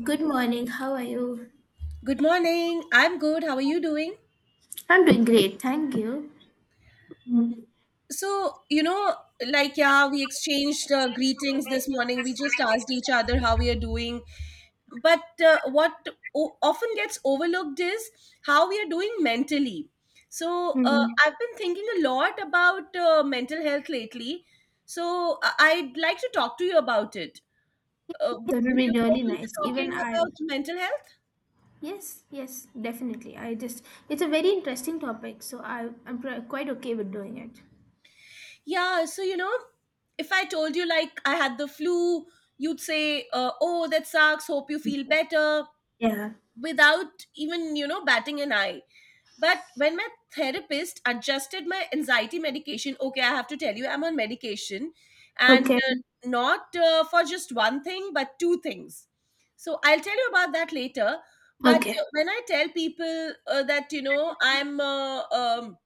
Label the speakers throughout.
Speaker 1: Good morning. How are you?
Speaker 2: Good morning. I'm good. How are you doing?
Speaker 1: I'm doing great. Thank you. Hmm.
Speaker 2: So, like, yeah, we exchanged greetings this morning. We just asked each other how we are doing. But what often gets overlooked is how we are doing mentally. So, I've been thinking a lot about mental health lately. So, I'd like to talk to you about it. Uh,
Speaker 1: That would
Speaker 2: would
Speaker 1: be
Speaker 2: you be
Speaker 1: really
Speaker 2: open to
Speaker 1: nice. Even
Speaker 2: talking
Speaker 1: I.
Speaker 2: about mental health?
Speaker 1: Yes, yes, definitely. I just, it's a very interesting topic, so I'm quite okay with doing it.
Speaker 2: Yeah, so if I told you like I had the flu, you'd say, "Oh, that sucks. Hope you feel better,"
Speaker 1: Yeah.
Speaker 2: without even batting an eye. But when my therapist adjusted my anxiety medication, okay, I have to tell you, I'm on medication, and
Speaker 1: Okay.
Speaker 2: not for just one thing, but two things. So I'll tell you about that later. But
Speaker 1: Okay.
Speaker 2: when I tell people that I'm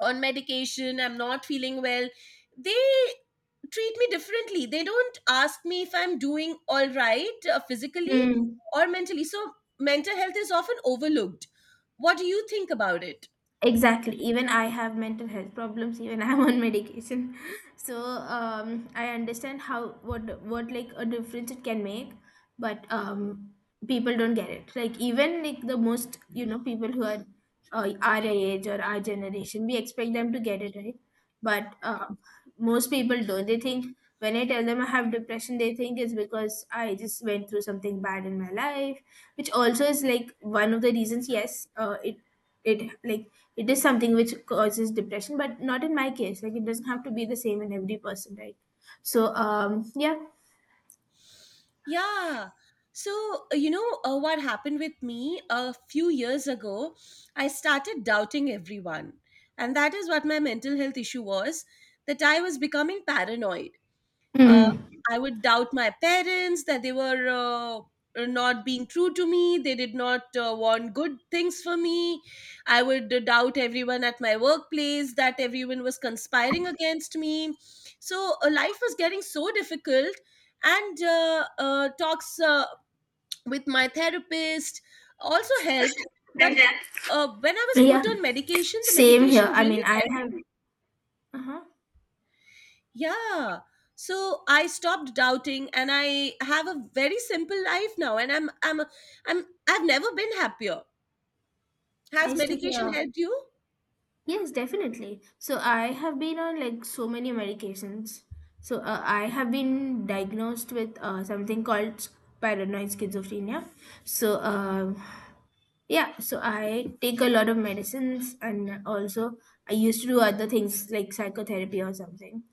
Speaker 2: on medication, I'm not feeling well, they treat me differently. They don't ask me if I'm doing all right physically
Speaker 1: Hmm.
Speaker 2: or mentally. So mental health is often overlooked. What do you think about it?
Speaker 1: Exactly. Even I have mental health problems. Even I'm on medication, so I understand how what like a difference it can make, but people don't get it. Like even like the most people who are our age or our generation, we expect them to get it right, but most people don't. They think when I tell them I have depression, they think it's because I just went through something bad in my life, which also is like one of the reasons. Yes, it like it is something which causes depression, but not in my case. Like it doesn't have to be the same in every person, right? So yeah.
Speaker 2: Yeah. So, what happened with me a few years ago, I started doubting everyone. And that is what my mental health issue was, that I was becoming paranoid. uh,
Speaker 1: Mm.
Speaker 2: I would doubt my parents that they were not being true to me. They did not want good things for me. I would doubt everyone at my workplace that everyone was conspiring against me. So life was getting so difficult. And talks with my therapist also helped. But when I was
Speaker 1: Yeah,
Speaker 2: put on medication, the
Speaker 1: same
Speaker 2: medication
Speaker 1: here. I mean,
Speaker 2: really
Speaker 1: I have.
Speaker 2: helped me.
Speaker 1: Uh-huh.
Speaker 2: Yeah. So I stopped doubting, and I have a very simple life now, and I've never been happier. Has
Speaker 1: Nice to
Speaker 2: medication
Speaker 1: hear.
Speaker 2: helped you?
Speaker 1: Yes, definitely. So I have been on like so many medications. So I have been diagnosed with something called paranoid schizophrenia. So yeah, so I take a lot of medicines and also I used to do other things like psychotherapy or something.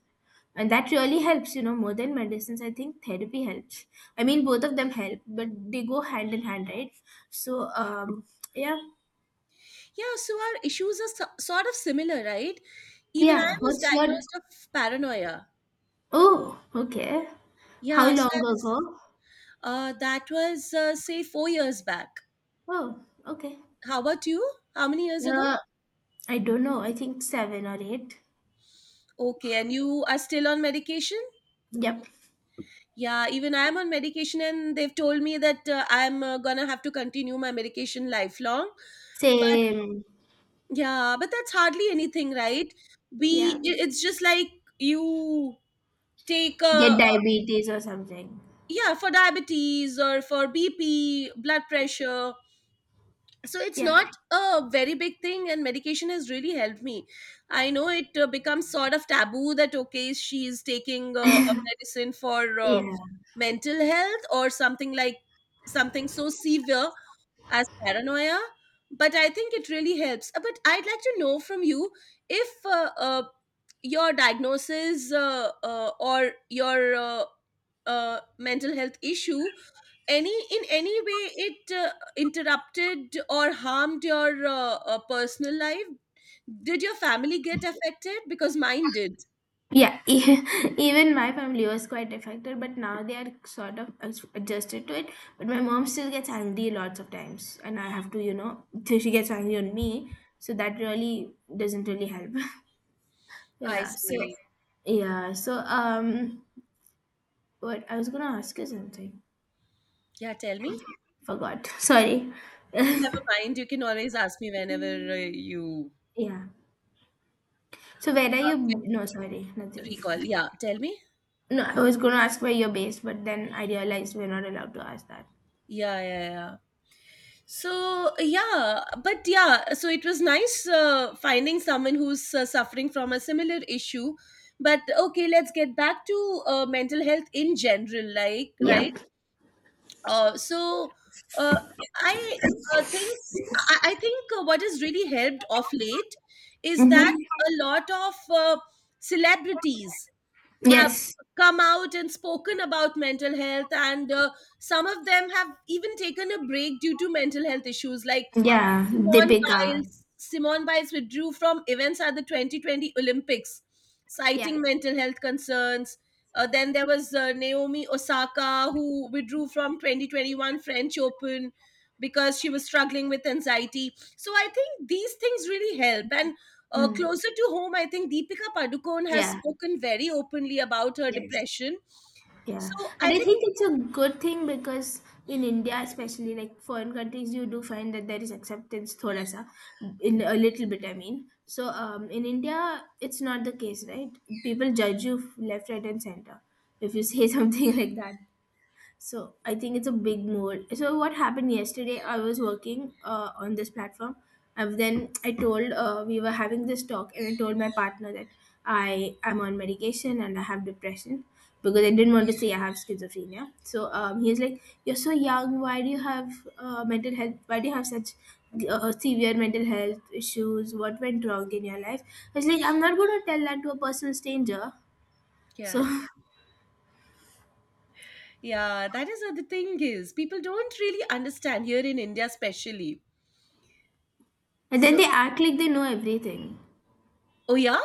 Speaker 1: And that really helps, more than medicines, I think therapy helps. I mean, both of them help, but they go hand in hand, right? So yeah.
Speaker 2: Yeah, so our issues are sort of similar, right? Even I
Speaker 1: Yeah.
Speaker 2: was
Speaker 1: What's your.
Speaker 2: diagnosed of paranoia.
Speaker 1: Oh, okay. How
Speaker 2: Yeah, so I
Speaker 1: long
Speaker 2: was
Speaker 1: ago?
Speaker 2: that was say 4 years back.
Speaker 1: Oh, okay.
Speaker 2: How about you? How many years ago?
Speaker 1: Uh, I don't know. I think seven or eight.
Speaker 2: Okay, and you are still on medication?
Speaker 1: Yep.
Speaker 2: Yeah, even I'm on medication, and they've told me that I'm gonna have to continue my medication lifelong. But
Speaker 1: Same.
Speaker 2: yeah, but that's hardly anything, right?
Speaker 1: Yeah.
Speaker 2: It's just like you take a,
Speaker 1: Get diabetes or something.
Speaker 2: yeah, for diabetes or for BP, blood pressure. So it's
Speaker 1: Yeah.
Speaker 2: not a very big thing, and medication has really helped me. I know it becomes sort of taboo that okay, she is taking a medicine for
Speaker 1: Yeah.
Speaker 2: mental health or something like something so severe as paranoia, but I think it really helps. But I'd like to know from you if your diagnosis or your mental health issue, any in any way it interrupted or harmed your personal life. Did your family get affected? Because mine did.
Speaker 1: Yeah. Even my family was quite affected, but now they are sort of adjusted to it. But my mom still gets angry lots of times, and I have to, so she gets angry on me. So that really doesn't really help.
Speaker 2: I
Speaker 1: Yeah. So,
Speaker 2: see.
Speaker 1: yeah. So, what I was gonna ask you something.
Speaker 2: Yeah, tell me.
Speaker 1: Forgot. Sorry.
Speaker 2: Never mind, you can always ask me whenever uh, you
Speaker 1: Yeah. So where are you?
Speaker 2: can
Speaker 1: No, sorry, nothing.
Speaker 2: recall. Yeah, tell me.
Speaker 1: No, I was going to ask where you're based, but then I realized we're not allowed to ask that.
Speaker 2: Yeah, yeah, yeah. So, yeah, but yeah, so it was nice finding someone who's suffering from a similar issue. But okay, let's get back to mental health in general, like, right?
Speaker 1: Yep.
Speaker 2: So, uh, I uh, think I think what has really helped of late is
Speaker 1: Mm-hmm.
Speaker 2: that a lot of celebrities have
Speaker 1: Yes.
Speaker 2: come out and spoken about mental health, and some of them have even taken a break due to mental health issues like
Speaker 1: Yeah.
Speaker 2: Simone
Speaker 1: Deepika.
Speaker 2: Biles, Simone Biles withdrew from events at the 2020 Olympics,
Speaker 1: Yeah.
Speaker 2: citing mental health concerns. Then there was Naomi Osaka, who withdrew from 2021 French Open because she was struggling with anxiety. So I think these things really help. And
Speaker 1: Mm.
Speaker 2: closer to home, I think Deepika Padukone has
Speaker 1: Yeah.
Speaker 2: spoken very openly about her
Speaker 1: Yes.
Speaker 2: depression. So
Speaker 1: Yeah, and
Speaker 2: I
Speaker 1: I
Speaker 2: think,
Speaker 1: think it's a good thing because in India, especially like foreign countries, you do find that there is acceptance, thoda sa, in a little bit. I mean, so in India, it's not the case, right? People judge you left, right, and center if you say something like that. So I think it's a big mood. So what happened yesterday? I was working on this platform. And then I told we were having this talk, and I told my partner that I am on medication and I have depression because I didn't want to say I have schizophrenia. So he's like, "You're so young. Why do you have mental health? Why do you have such severe mental health issues? What went wrong in your life?" I was like, "I'm not going to tell that to a personal stranger." So
Speaker 2: yeah, yeah, that is what the thing is. People don't really understand here in India, especially.
Speaker 1: and
Speaker 2: So,
Speaker 1: then they act like they know everything.
Speaker 2: oh yeah,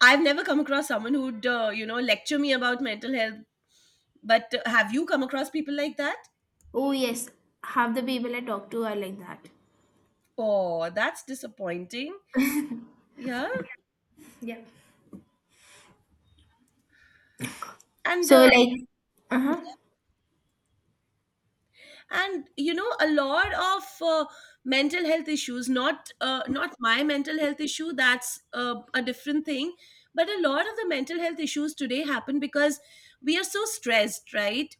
Speaker 2: I've never come across someone who'd lecture me about mental health. But have you come across people like that?
Speaker 1: Oh yes, half the people I talk to are like that.
Speaker 2: Oh, that's disappointing. Yeah,
Speaker 1: Yeah.
Speaker 2: and
Speaker 1: So
Speaker 2: uh,
Speaker 1: like, uh huh.
Speaker 2: and a lot of mental health issues. Not my mental health issue. That's a different thing. But a lot of the mental health issues today happen because we are so stressed, right?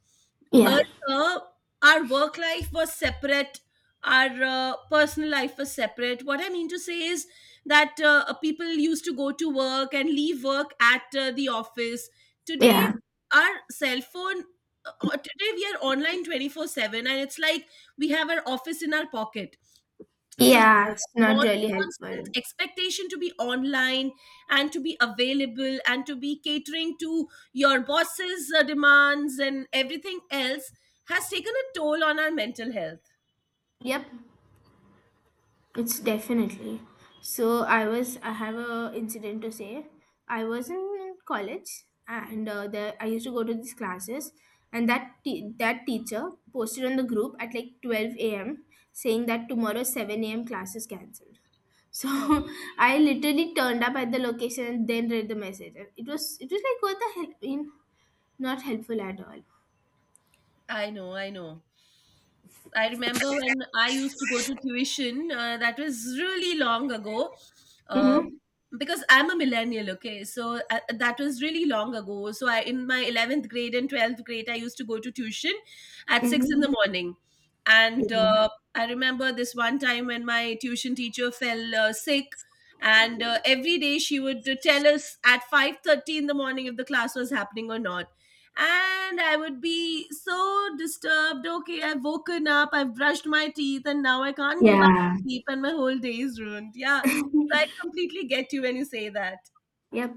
Speaker 1: Yeah,
Speaker 2: Earlier, our work life was separate, our personal life was separate. What I mean to say is that people used to go to work and leave work at the office. Today
Speaker 1: yeah,
Speaker 2: our cell phone, today we are online 24/7, and it's like we have our office in our pocket. So
Speaker 1: yeah. It's not
Speaker 2: on
Speaker 1: really
Speaker 2: constant
Speaker 1: helpful.
Speaker 2: expectation to be online and to be available and to be catering to your boss's demands and everything else has taken a toll on our mental health.
Speaker 1: Yep. It's definitely. So I have a incident to say. I was in college and there I used to go to these classes and that teacher posted on the group at like 12 a.m. saying that tomorrow 7 a.m. class is cancelled. So
Speaker 2: Oh,
Speaker 1: I literally turned up at the location and then read the message. And it was like what the hell? I mean, not helpful at all.
Speaker 2: I know, I know. I remember when I used to go to tuition, that was really long ago. Uh,
Speaker 1: Mm-hmm.
Speaker 2: because I'm a millennial, okay, so that was really long ago. So in my 11th grade and 12th grade, I used to go to tuition at 6 in
Speaker 1: Mm-hmm.
Speaker 2: the morning, and I remember this one time when my tuition teacher fell sick, and every day she would tell us at 5:30 in the morning if the class was happening or not, and I would be so disturbed. Okay, I've woken up, I've brushed my teeth, and now I can't go back to
Speaker 1: Yeah.
Speaker 2: sleep, and my whole day is ruined. Yeah, so I completely get you when you say that.
Speaker 1: Yep.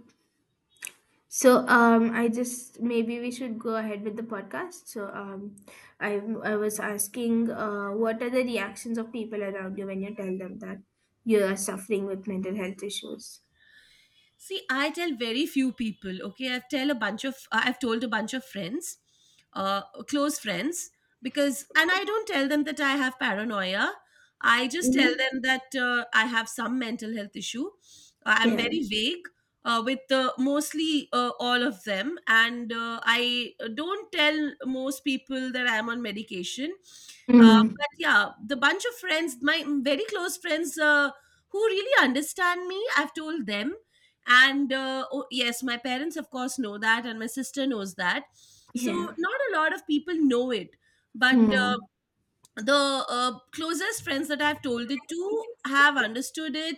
Speaker 1: So I just maybe we should go ahead with the podcast. So I was asking, what are the reactions of people around you when you tell them that you are suffering with mental health issues?
Speaker 2: See, I tell very few people. Okay, I've told a bunch of friends, uh, close friends, because and I don't tell them that I have paranoia. I just tell
Speaker 1: Mm-hmm.
Speaker 2: them that I have some mental health issue. I'm
Speaker 1: Yeah.
Speaker 2: very vague with mostly all of them, and I don't tell most people that I'm on medication. Uh,
Speaker 1: Mm.
Speaker 2: but yeah, the bunch of friends, my very close friends, who really understand me, I've told them. And oh, yes, my parents of course know that, and my sister knows that. So
Speaker 1: Yeah.
Speaker 2: not a lot of people know it, but
Speaker 1: Mm.
Speaker 2: the closest friends that I've told it to have understood it.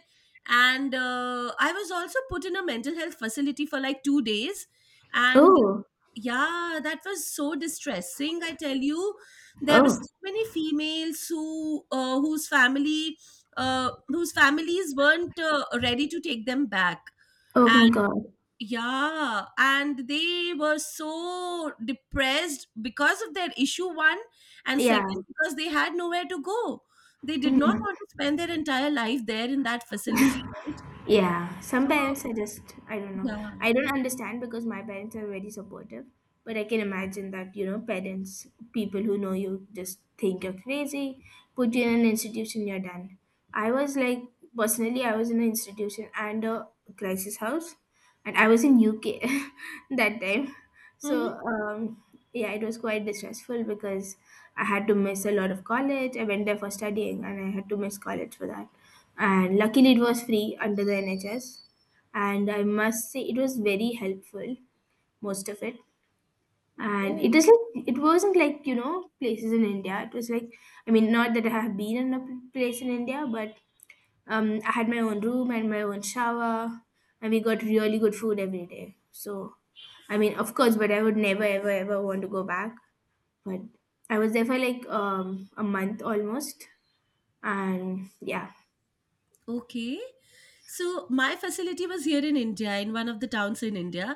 Speaker 2: And I was also put in a mental health facility for like 2 days, and
Speaker 1: Oh.
Speaker 2: yeah, that was so distressing, I tell you. There were
Speaker 1: Oh.
Speaker 2: so many females whose families weren't ready to take them back.
Speaker 1: Oh my God.
Speaker 2: Yeah, and they were so depressed because of their issue, one, and second
Speaker 1: Yeah.
Speaker 2: because they had nowhere to go. They did not
Speaker 1: Mm.
Speaker 2: want to spend their entire life there in that facility, right?
Speaker 1: Yeah, some
Speaker 2: So
Speaker 1: parents I don't know.
Speaker 2: yeah.
Speaker 1: I don't understand because my parents are very supportive, but I can imagine that, parents, people who know you just think you're crazy, put you in an institution, you're done. I was like personally I was in an institution and a crisis house and I was in UK that time. So,
Speaker 2: Mm-hmm.
Speaker 1: yeah, it was quite distressful because I had to miss a lot of college. I went there for studying and I had to miss college for that and luckily it was free under the NHS and I must say it was very helpful most of it and it is like it wasn't like places in India it was like I mean not that I have been in a place in India but I had my own room and my own shower and we got really good food every day so I mean of course but I would never ever ever want to go back but I was there for like a month almost and yeah.
Speaker 2: Okay. So my facility was here in India, in one of the towns in India,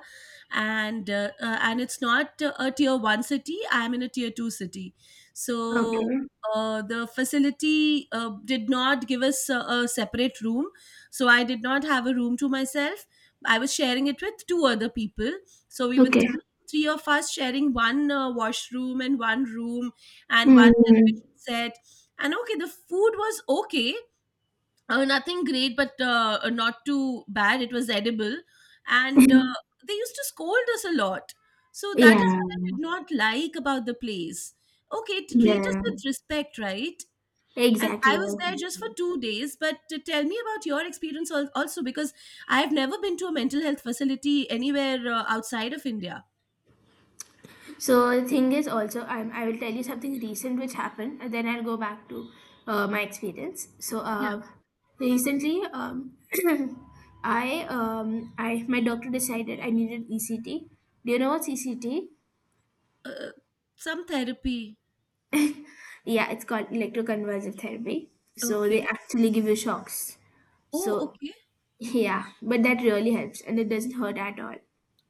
Speaker 2: and it's not a tier one city. I'm in a tier two city, so
Speaker 1: Okay.
Speaker 2: the facility did not give us a separate room. So I did not have a room to myself. I was sharing it with two other people, so we were
Speaker 1: Okay.
Speaker 2: three of us sharing one washroom and one room and one
Speaker 1: Mm.
Speaker 2: television set. And okay, the food was okay, nothing great, but not too bad. It was edible, and they used to scold us a lot. So that is
Speaker 1: Yeah,
Speaker 2: what I did not like about the place. Okay, to treat us
Speaker 1: yeah,
Speaker 2: with respect, right? And
Speaker 1: exactly.
Speaker 2: I was there just for
Speaker 1: Exactly.
Speaker 2: 2 days, but tell me about your experience also, because I have never been to a mental health facility anywhere outside of India.
Speaker 1: So the thing is also, I will tell you something recent which happened, and then I'll go back to my experience. So
Speaker 2: Yeah,
Speaker 1: recently, I my doctor decided I needed ECT. Do you know what's ECT?
Speaker 2: uh, some therapy.
Speaker 1: Yeah, it's called electroconvulsive therapy. So they
Speaker 2: Okay.
Speaker 1: actually give you shocks.
Speaker 2: Oh,
Speaker 1: So
Speaker 2: okay.
Speaker 1: yeah, but that really helps, and it doesn't hurt at all.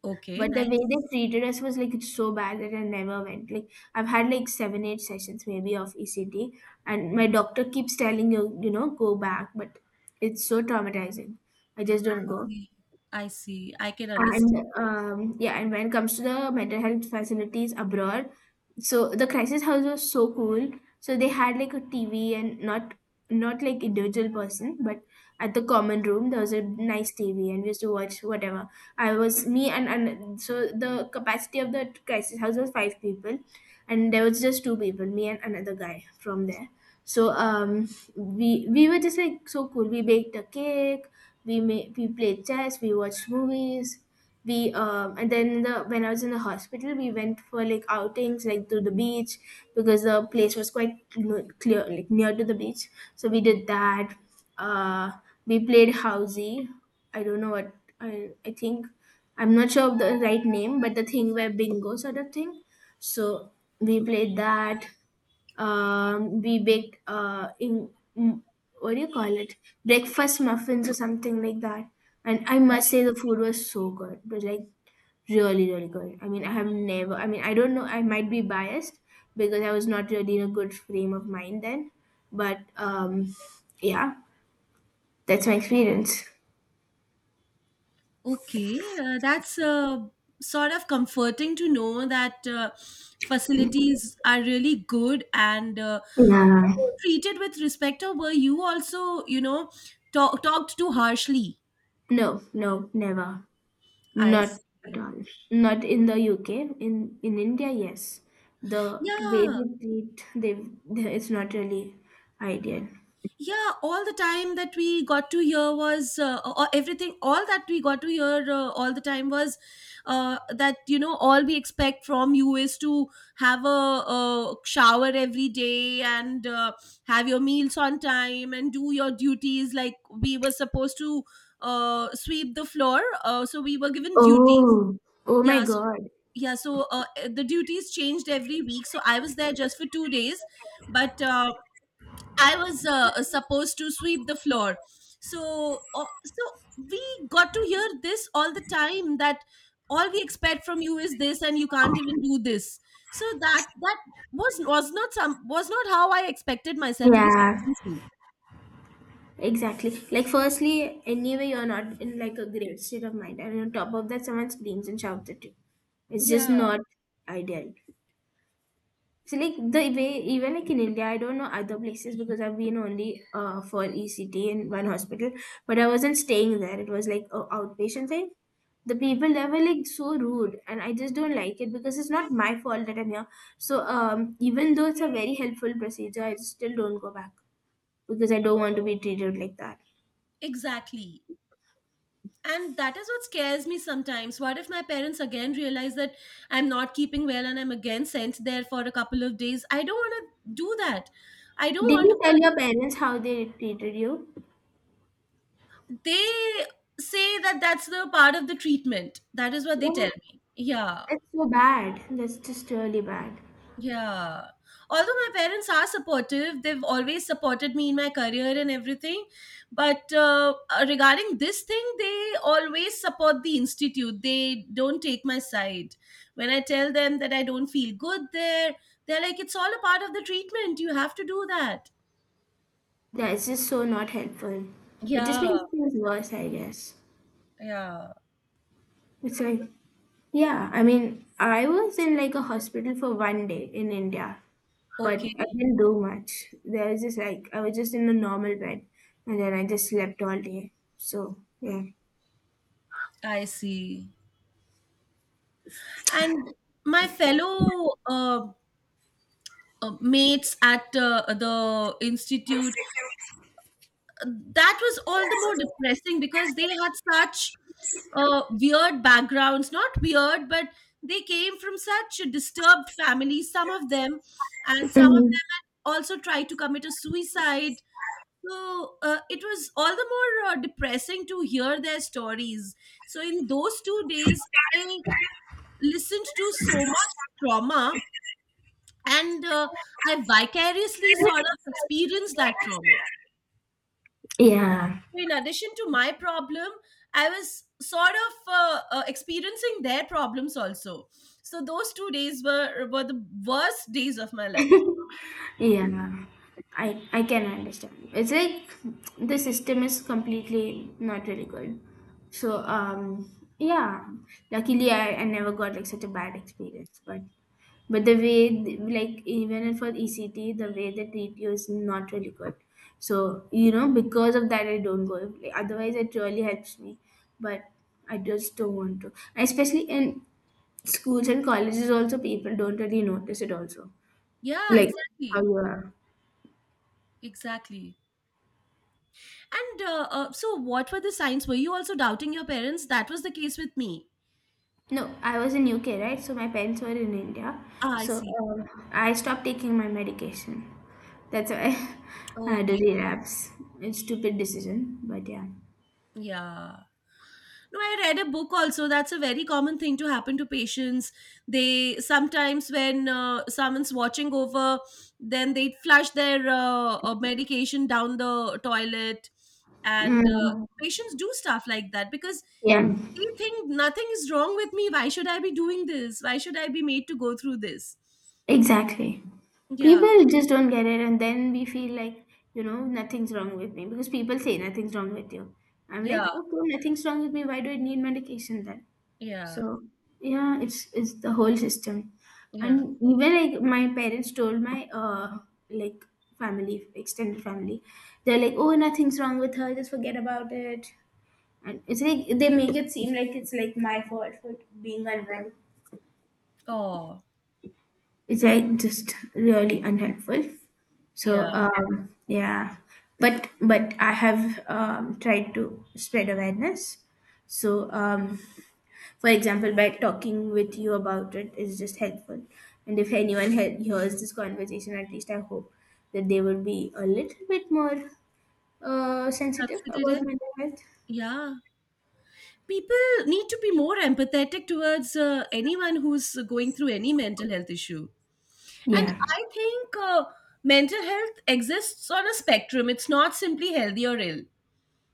Speaker 2: Okay,
Speaker 1: But the
Speaker 2: nice.
Speaker 1: way they treated us was like it's so bad that I never went. Like I've had like seven, eight sessions maybe of ECT, and my doctor keeps telling you, go back, but it's so traumatizing. I just don't go.
Speaker 2: See, see. I can understand.
Speaker 1: And yeah, and when it comes to the mental health facilities abroad, so the crisis house was so cool, so they had like a tv and not like individual person but at the common room there was a nice tv and we used to watch whatever I was me and so the capacity of the crisis house was five people and there was just two people me and another guy from there so we were just like so cool, we baked a cake, we played chess, we watched movies, we and then the when I was in the hospital we went for like outings like to the beach because the place was quite clear like near to the beach, so we did that, uh we played housey, I don't know what i think, I'm not sure of the right name, but the thing where bingo sort of thing, so we played that, we bake in, mm, what do you call it? Breakfast muffins or something like that. And I must say the food was so good. It was like really, really good. I mean, I have never. I mean, I don't know. I might be biased because I was not really in a good frame of mind then. But yeah, that's my experience.
Speaker 2: Okay, that's sort of comforting to know that facilities are really good, and were
Speaker 1: Yeah.
Speaker 2: you treated with respect, or were you also, talked to harshly?
Speaker 1: No, no, never.
Speaker 2: I
Speaker 1: Not
Speaker 2: see.
Speaker 1: at all. Not in the UK. In India, yes. The way
Speaker 2: Yeah.
Speaker 1: they treat, they it's not really ideal.
Speaker 2: Yeah, all the time that we got to hear was, or everything, all that we got to hear all the time was that all we expect from you is to have a shower every day, and have your meals on time and do your duties like we were supposed to sweep the floor, so we were given duties.
Speaker 1: Oh, oh my
Speaker 2: Yeah, so
Speaker 1: God.
Speaker 2: yeah, so the duties changed every week, so I was there just for 2 days, but I was supposed to sweep the floor. So, we got to hear this all the time, that all we expect from you is this, and you can't even do this. So that was not how I expected myself to be
Speaker 1: Yeah,
Speaker 2: spoken to.
Speaker 1: exactly. Like, firstly, anyway, you're not in like a great state of mind, and on top of that, someone screams and shouts at you. It's just
Speaker 2: Yeah,
Speaker 1: not ideal. So like the way even like in India, I don't know other places because I've been only for ECT in one hospital, but I wasn't staying there. It was like a outpatient thing. The people there were like so rude, and I just don't like it because it's not my fault that I'm here. So even though it's a very helpful procedure, I still don't go back because I don't want to be treated like that.
Speaker 2: exactly. And that is what scares me sometimes. What if my parents again realize that I'm not keeping well and I'm again sent there for a couple of days? I don't want to do that. I don't
Speaker 1: Did
Speaker 2: want
Speaker 1: you tell
Speaker 2: to
Speaker 1: your parents how they treated you?
Speaker 2: they say that that's the part of the treatment. That is what they
Speaker 1: Oh,
Speaker 2: tell me. Yeah,
Speaker 1: that's so bad. That's just really bad.
Speaker 2: yeah. Although my parents are supportive, they've always supported me in my career and everything. But regarding this thing, they always support the institute. They don't take my side. When I tell them that I don't feel good there, they're like, it's all a part of the treatment. You have to do that.
Speaker 1: That is just so not helpful. It just
Speaker 2: Yeah,
Speaker 1: makes things worse, I guess.
Speaker 2: yeah.
Speaker 1: It's like, yeah, I mean, I was in like a hospital for one day in India, but I
Speaker 2: Okay,
Speaker 1: didn't do much. There was just like, I was just in a normal bed and then I just slept all day. So, yeah.
Speaker 2: I see. And my fellow mates at the institute, uh, that was all the more depressing because they had such weird backgrounds, not weird, but they came from such disturbed families, some of them, and some of them had also tried to commit a suicide. So it was all the more depressing to hear their stories. So in those 2 days I listened to so much trauma, and I vicariously sort of experienced that trauma.
Speaker 1: Yeah.
Speaker 2: In addition to my problem, I was sort of experiencing their problems also. So those 2 days were the worst days of my life.
Speaker 1: Yeah, no, no. I I can understand. It's like the system is completely not really good. So yeah, luckily I never got like such a bad experience. But the way like even for ECT, the way they treat you is not really good. So because of that I don't go. Like, otherwise it really helps me, but I just don't want to. Especially in schools and colleges also people don't really notice it also.
Speaker 2: Yeah,
Speaker 1: Like how
Speaker 2: exactly,
Speaker 1: you are.
Speaker 2: exactly. And so, what were the signs? Were you also doubting your parents? That was the case with me.
Speaker 1: No, I was in UK, right? So my parents were in India.
Speaker 2: Ah, I
Speaker 1: So
Speaker 2: see.
Speaker 1: um, I stopped taking my medication. That's why I had a
Speaker 2: Okay.
Speaker 1: relapse. It's stupid decision, but yeah.
Speaker 2: Yeah. No, I read a book also. That's a very common thing to happen to patients. They sometimes, when someone's watching over, then they flush their medication down the toilet, and
Speaker 1: Mm,
Speaker 2: patients do stuff like that because
Speaker 1: yeah,
Speaker 2: they think nothing is wrong with me. Why should I be doing this? Why should I be made to go through this?
Speaker 1: exactly.
Speaker 2: Yeah,
Speaker 1: People just don't get it, and then we feel like, nothing's wrong with me because people say nothing's wrong with you. I'm
Speaker 2: yeah,
Speaker 1: like, okay, nothing's wrong with me. Why do I need medication then?
Speaker 2: yeah,
Speaker 1: So yeah, it's the whole system,
Speaker 2: yeah.
Speaker 1: and even like my parents told my like family extended family, they're like, oh, nothing's wrong with her, just forget about it, and it's like they make it seem like it's like my fault for being unwell.
Speaker 2: Oh,
Speaker 1: It's like just really unhelpful.
Speaker 2: yeah.
Speaker 1: So um yeah, but I have tried to spread awareness. So um For example, by talking with you about it is just helpful. And if anyone hears this conversation, at least I hope that they will be a little bit more sensitive
Speaker 2: Consider it.
Speaker 1: about mental health.
Speaker 2: Yeah. People need to be more empathetic towards anyone who's going through any mental health issue. And
Speaker 1: Yeah.
Speaker 2: I think mental health exists on a spectrum. It's not simply healthy or ill.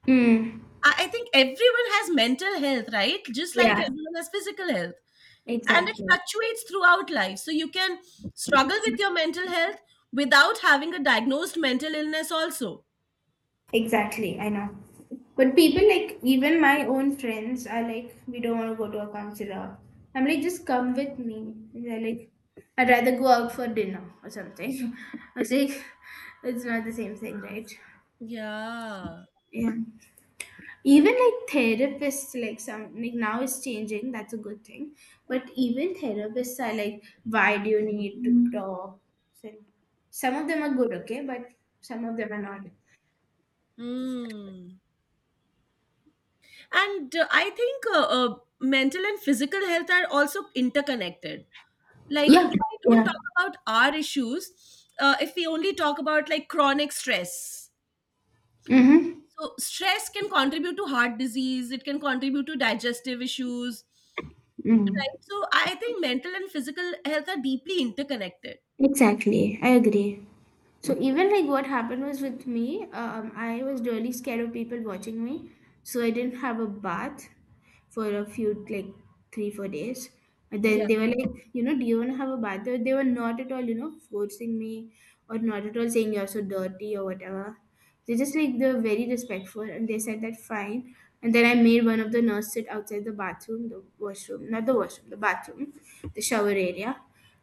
Speaker 1: Mm.
Speaker 2: I think everyone has mental health, right, just like
Speaker 1: Yeah,
Speaker 2: everyone has physical health, and it
Speaker 1: exactly.
Speaker 2: fluctuates throughout life, so you can struggle with your mental health without having a diagnosed mental illness also.
Speaker 1: Exactly, I know. But people like even my own friends are like, we don't want to go to a counselor. I'm like, just come with me. They're like, I'd rather go out for dinner or something. I was like, it's not the same thing, right?
Speaker 2: Yeah.
Speaker 1: Yeah. Even like therapists, like some, like now it's changing, that's a good thing, but even therapists are like, why do you need to talk? So, some of them are good, okay, but some of them are not.
Speaker 2: Hmm. And I think mental and physical health are also interconnected. Like,
Speaker 1: Yeah,
Speaker 2: if we don't
Speaker 1: yeah.
Speaker 2: talk about our issues, if we only talk about like chronic stress,
Speaker 1: Mm-hmm.
Speaker 2: so stress can contribute to heart disease, it can contribute to digestive issues,
Speaker 1: Mm.
Speaker 2: right? So I think mental and physical health are deeply interconnected.
Speaker 1: Exactly, I agree. So even like what happened was with me, I was really scared of people watching me, so I didn't have a bath for a few, like, 3 or 4 days. And then
Speaker 2: Yeah.
Speaker 1: they were like, you know, do you want to have a bath? They were not at all, you know, forcing me or not at all saying you're so dirty or whatever. They just like they were very respectful and they said that fine. And then I made one of the nurse sit outside the bathroom, the washroom, not the washroom, the bathroom, the shower area.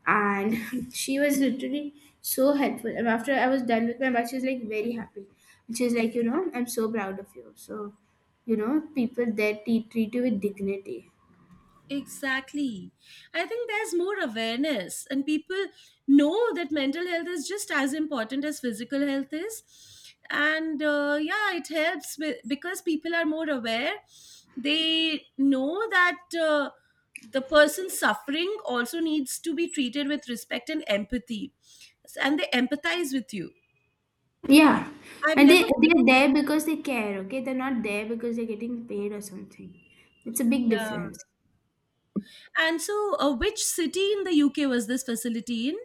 Speaker 1: And she was literally so helpful, and after I was done with my bath, she was like very happy, and she was like, you know, I'm so proud of you. So you know, people there treat you with dignity.
Speaker 2: Exactly. I think there's more awareness, and people know that mental health is just as important as physical health is. And yeah, it helps with, because people are more aware. They know that the person suffering also needs to be treated with respect and empathy, and they empathize with you.
Speaker 1: Yeah,
Speaker 2: I've
Speaker 1: and they,
Speaker 2: never been,
Speaker 1: they're there because they care, okay, they're not there because they're getting paid or something. It's a big difference.
Speaker 2: yeah. And so, which city in the UK was this facility in?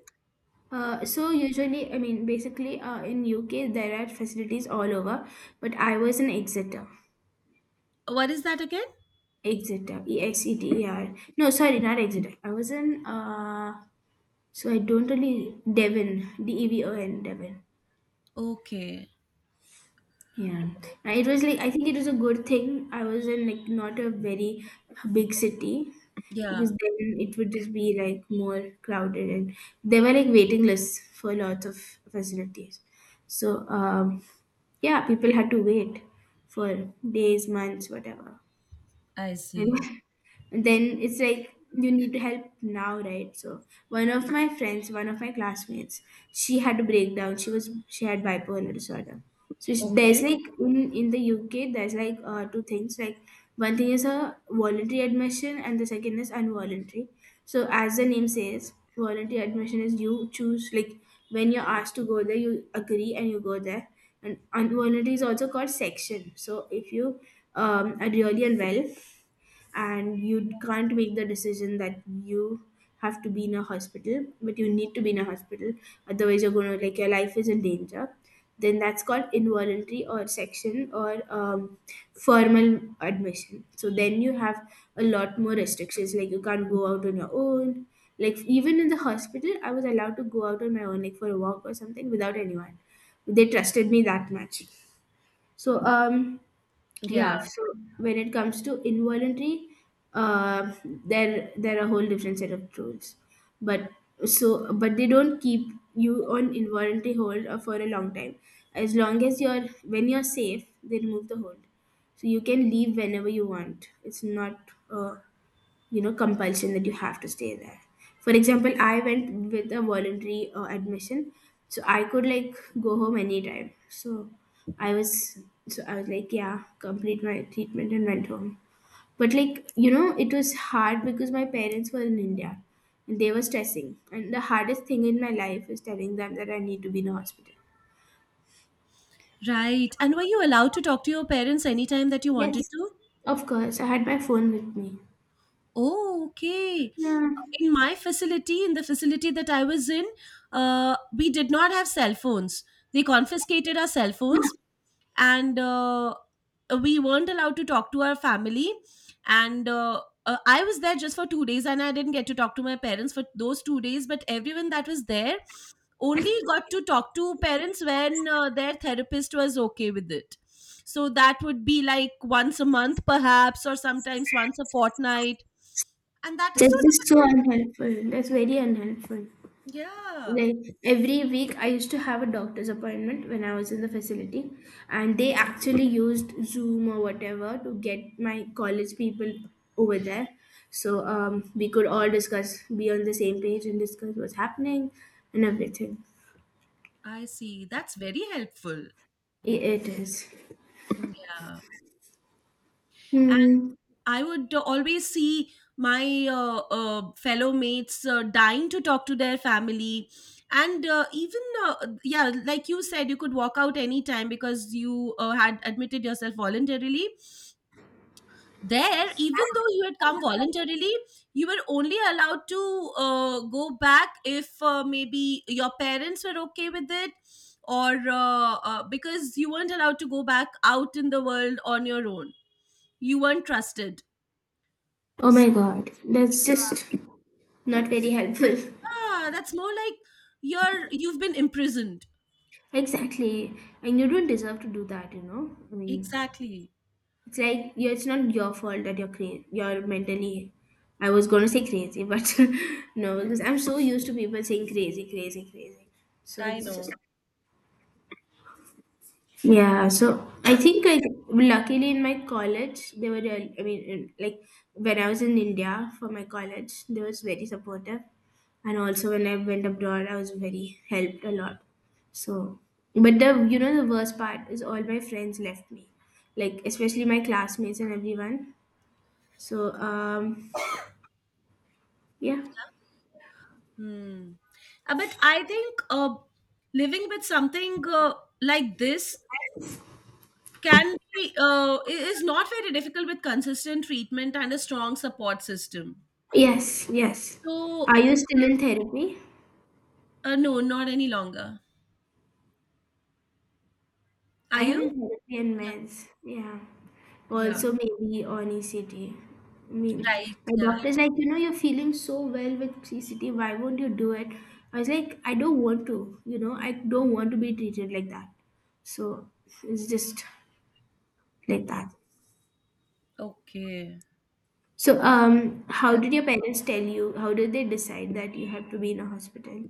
Speaker 1: So usually, I mean basically in UK there are facilities all over, but I was in Exeter.
Speaker 2: What is that again?
Speaker 1: Exeter, e x e t e r. No, sorry, not Exeter, I was in so I don't really Devon. D e v o n, Devon.
Speaker 2: Okay.
Speaker 1: Yeah. It was like, I think it was a good thing I was in like not a very big city, because
Speaker 2: Yeah.
Speaker 1: then it would just be like more crowded. And there were like waiting lists for lots of facilities. So um, yeah, people had to wait for days, months, whatever.
Speaker 2: I
Speaker 1: And
Speaker 2: see.
Speaker 1: and then it's like you need help now, right? So one of my friends, one of my classmates, she had a breakdown. She had bipolar disorder. So sh there's
Speaker 2: Okay.
Speaker 1: like, in the UK there's like two things. Like one thing is a voluntary admission, and the second is involuntary. So as the name says, voluntary admission is you choose, like when you're asked to go there, you agree and you go there. And involuntary is also called section. So if you are really unwell and you can't make the decision that you have to be in a hospital, but you need to be in a hospital, otherwise you're going to, like, your life is in danger, then that's called involuntary, or section, or formal admission. So then you have a lot more restrictions, like you can't go out on your own. Like even in the hospital, I was allowed to go out on my own, like for a walk or something, without anyone. They trusted me that much. so um
Speaker 2: Yeah.
Speaker 1: yeah, so when it comes to involuntary, uh, there are a whole different set of rules, but so but they don't keep you on involuntary hold for a long time. As long as you're, when you're safe, they remove the hold, so you can leave whenever you want. It's not uh, you know, compulsion that you have to stay there. For example, I went with a voluntary admission, so I could like go home anytime. So i was so I was like, yeah, complete my treatment and went home. But like, you know, it was hard because my parents were in India, and they were stressing, and the hardest thing in my life is telling them that I need to be in a hospital.
Speaker 2: Right. And were you allowed to talk to your parents anytime that you wanted
Speaker 1: Yes,
Speaker 2: to?
Speaker 1: of course I had my phone with me.
Speaker 2: Oh, okay.
Speaker 1: Yeah.
Speaker 2: In my facility, in the facility that I was in, we did not have cell phones. They confiscated our cell phones, and we weren't allowed to talk to our family. And I was there just for 2 days and I didn't get to talk to my parents for those 2 days, but everyone that was there only got to talk to parents when their therapist was okay with it. So that would be like once a month, perhaps, or sometimes once a fortnight. And that is so
Speaker 1: That's just so unhelpful, that's very unhelpful.
Speaker 2: difficult. Yeah,
Speaker 1: Like every week, I used to have a doctor's appointment when I was in the facility, and they actually used Zoom or whatever to get my college people over there. So we could all discuss, be on the same page, and discuss what's happening and everything.
Speaker 2: I see. That's very helpful.
Speaker 1: I- it is.
Speaker 2: Yeah. And
Speaker 1: Hmm.
Speaker 2: I would always see my fellow mates dying to talk to their family. And even, yeah, like you said, you could walk out anytime because you had admitted yourself voluntarily there. Even though you had come voluntarily, you were only allowed to go back if maybe your parents were okay with it, or because you weren't allowed to go back out in the world on your own, you weren't trusted.
Speaker 1: Oh
Speaker 2: So,
Speaker 1: my god, that's just not very helpful.
Speaker 2: ah, that's more like you've been imprisoned.
Speaker 1: Exactly. And you don't deserve to do that, you know? I mean,
Speaker 2: Exactly.
Speaker 1: it's like you. It's not your fault that you're crazy. You're mentally. I was gonna say crazy, but no, because I'm so used to people saying crazy, crazy, crazy. So
Speaker 2: I
Speaker 1: it's
Speaker 2: know.
Speaker 1: just yeah. So I think I, luckily in my college they were real. I mean, like when I was in India for my college, they was very supportive, and also when I went abroad, I was very helped a lot. So, but the, you know, the worst part is all my friends left me, like especially my classmates and everyone. So, um, yeah.
Speaker 2: Hmm. But I think living with something like this can be is not very difficult with consistent treatment and a strong support system.
Speaker 1: Yes, yes.
Speaker 2: So,
Speaker 1: Are you still in therapy?
Speaker 2: no, not any longer. Are
Speaker 1: I am in
Speaker 2: you?
Speaker 1: therapy and meds. Yeah.
Speaker 2: Yeah, yeah,
Speaker 1: Also, maybe on ECT. I mean,
Speaker 2: right.
Speaker 1: my
Speaker 2: Yeah,
Speaker 1: doctor's like, you know, you're feeling so well with ECT. Why won't you do it? I was like, I don't want to. You know, I don't want to be treated like that. So it's just like that.
Speaker 2: okay.
Speaker 1: So, how
Speaker 2: Yeah.
Speaker 1: did your parents tell you? How did they decide that you have to be in a hospital?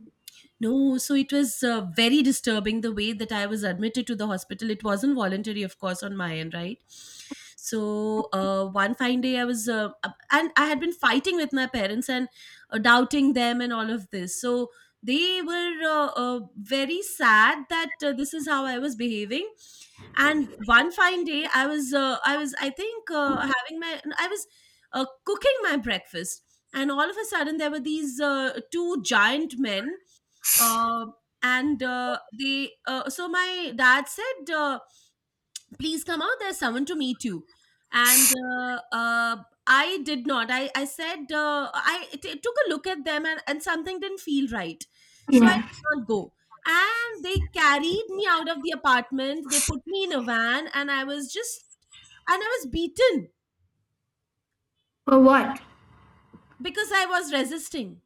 Speaker 2: No, so it was very disturbing the way that I was admitted to the hospital. It wasn't voluntary, of course, on my end, right? So one fine day, and I had been fighting with my parents and doubting them and all of this. So they were very sad that this is how I was behaving. And one fine day, I think, having my, I was cooking my breakfast, and all of a sudden, there were these two giant men, uh, and they so my dad said, please come out, there's someone to meet you. And I did not I, I said, I took a look at them, and something didn't feel right, so I
Speaker 1: Yeah.
Speaker 2: did not go. And they carried me out of the apartment, they put me in a van, and I was just and I was beaten
Speaker 1: For what?
Speaker 2: because I was resisting.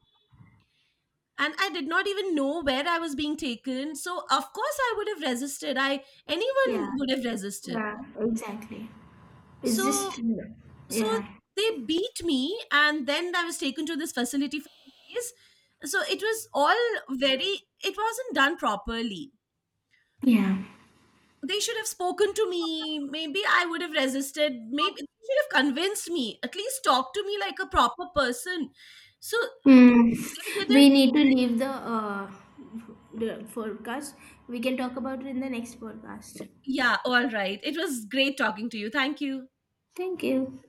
Speaker 2: And I did not even know where I was being taken, so of course I would have resisted. I Anyone
Speaker 1: Yeah.
Speaker 2: would have resisted.
Speaker 1: Yeah, exactly. It's
Speaker 2: So,
Speaker 1: just
Speaker 2: so
Speaker 1: yeah,
Speaker 2: they beat me, and then I was taken to this facility for days. So it was all very, it wasn't done properly.
Speaker 1: yeah.
Speaker 2: They should have spoken to me. Maybe I would have resisted. Maybe they should have convinced me, at least talk to me like a proper person. So they
Speaker 1: Mm. We
Speaker 2: didn't.
Speaker 1: need to leave the the forecast. We can talk about it in the next podcast.
Speaker 2: Yeah, all right, it was great talking to you, thank you.
Speaker 1: Thank you.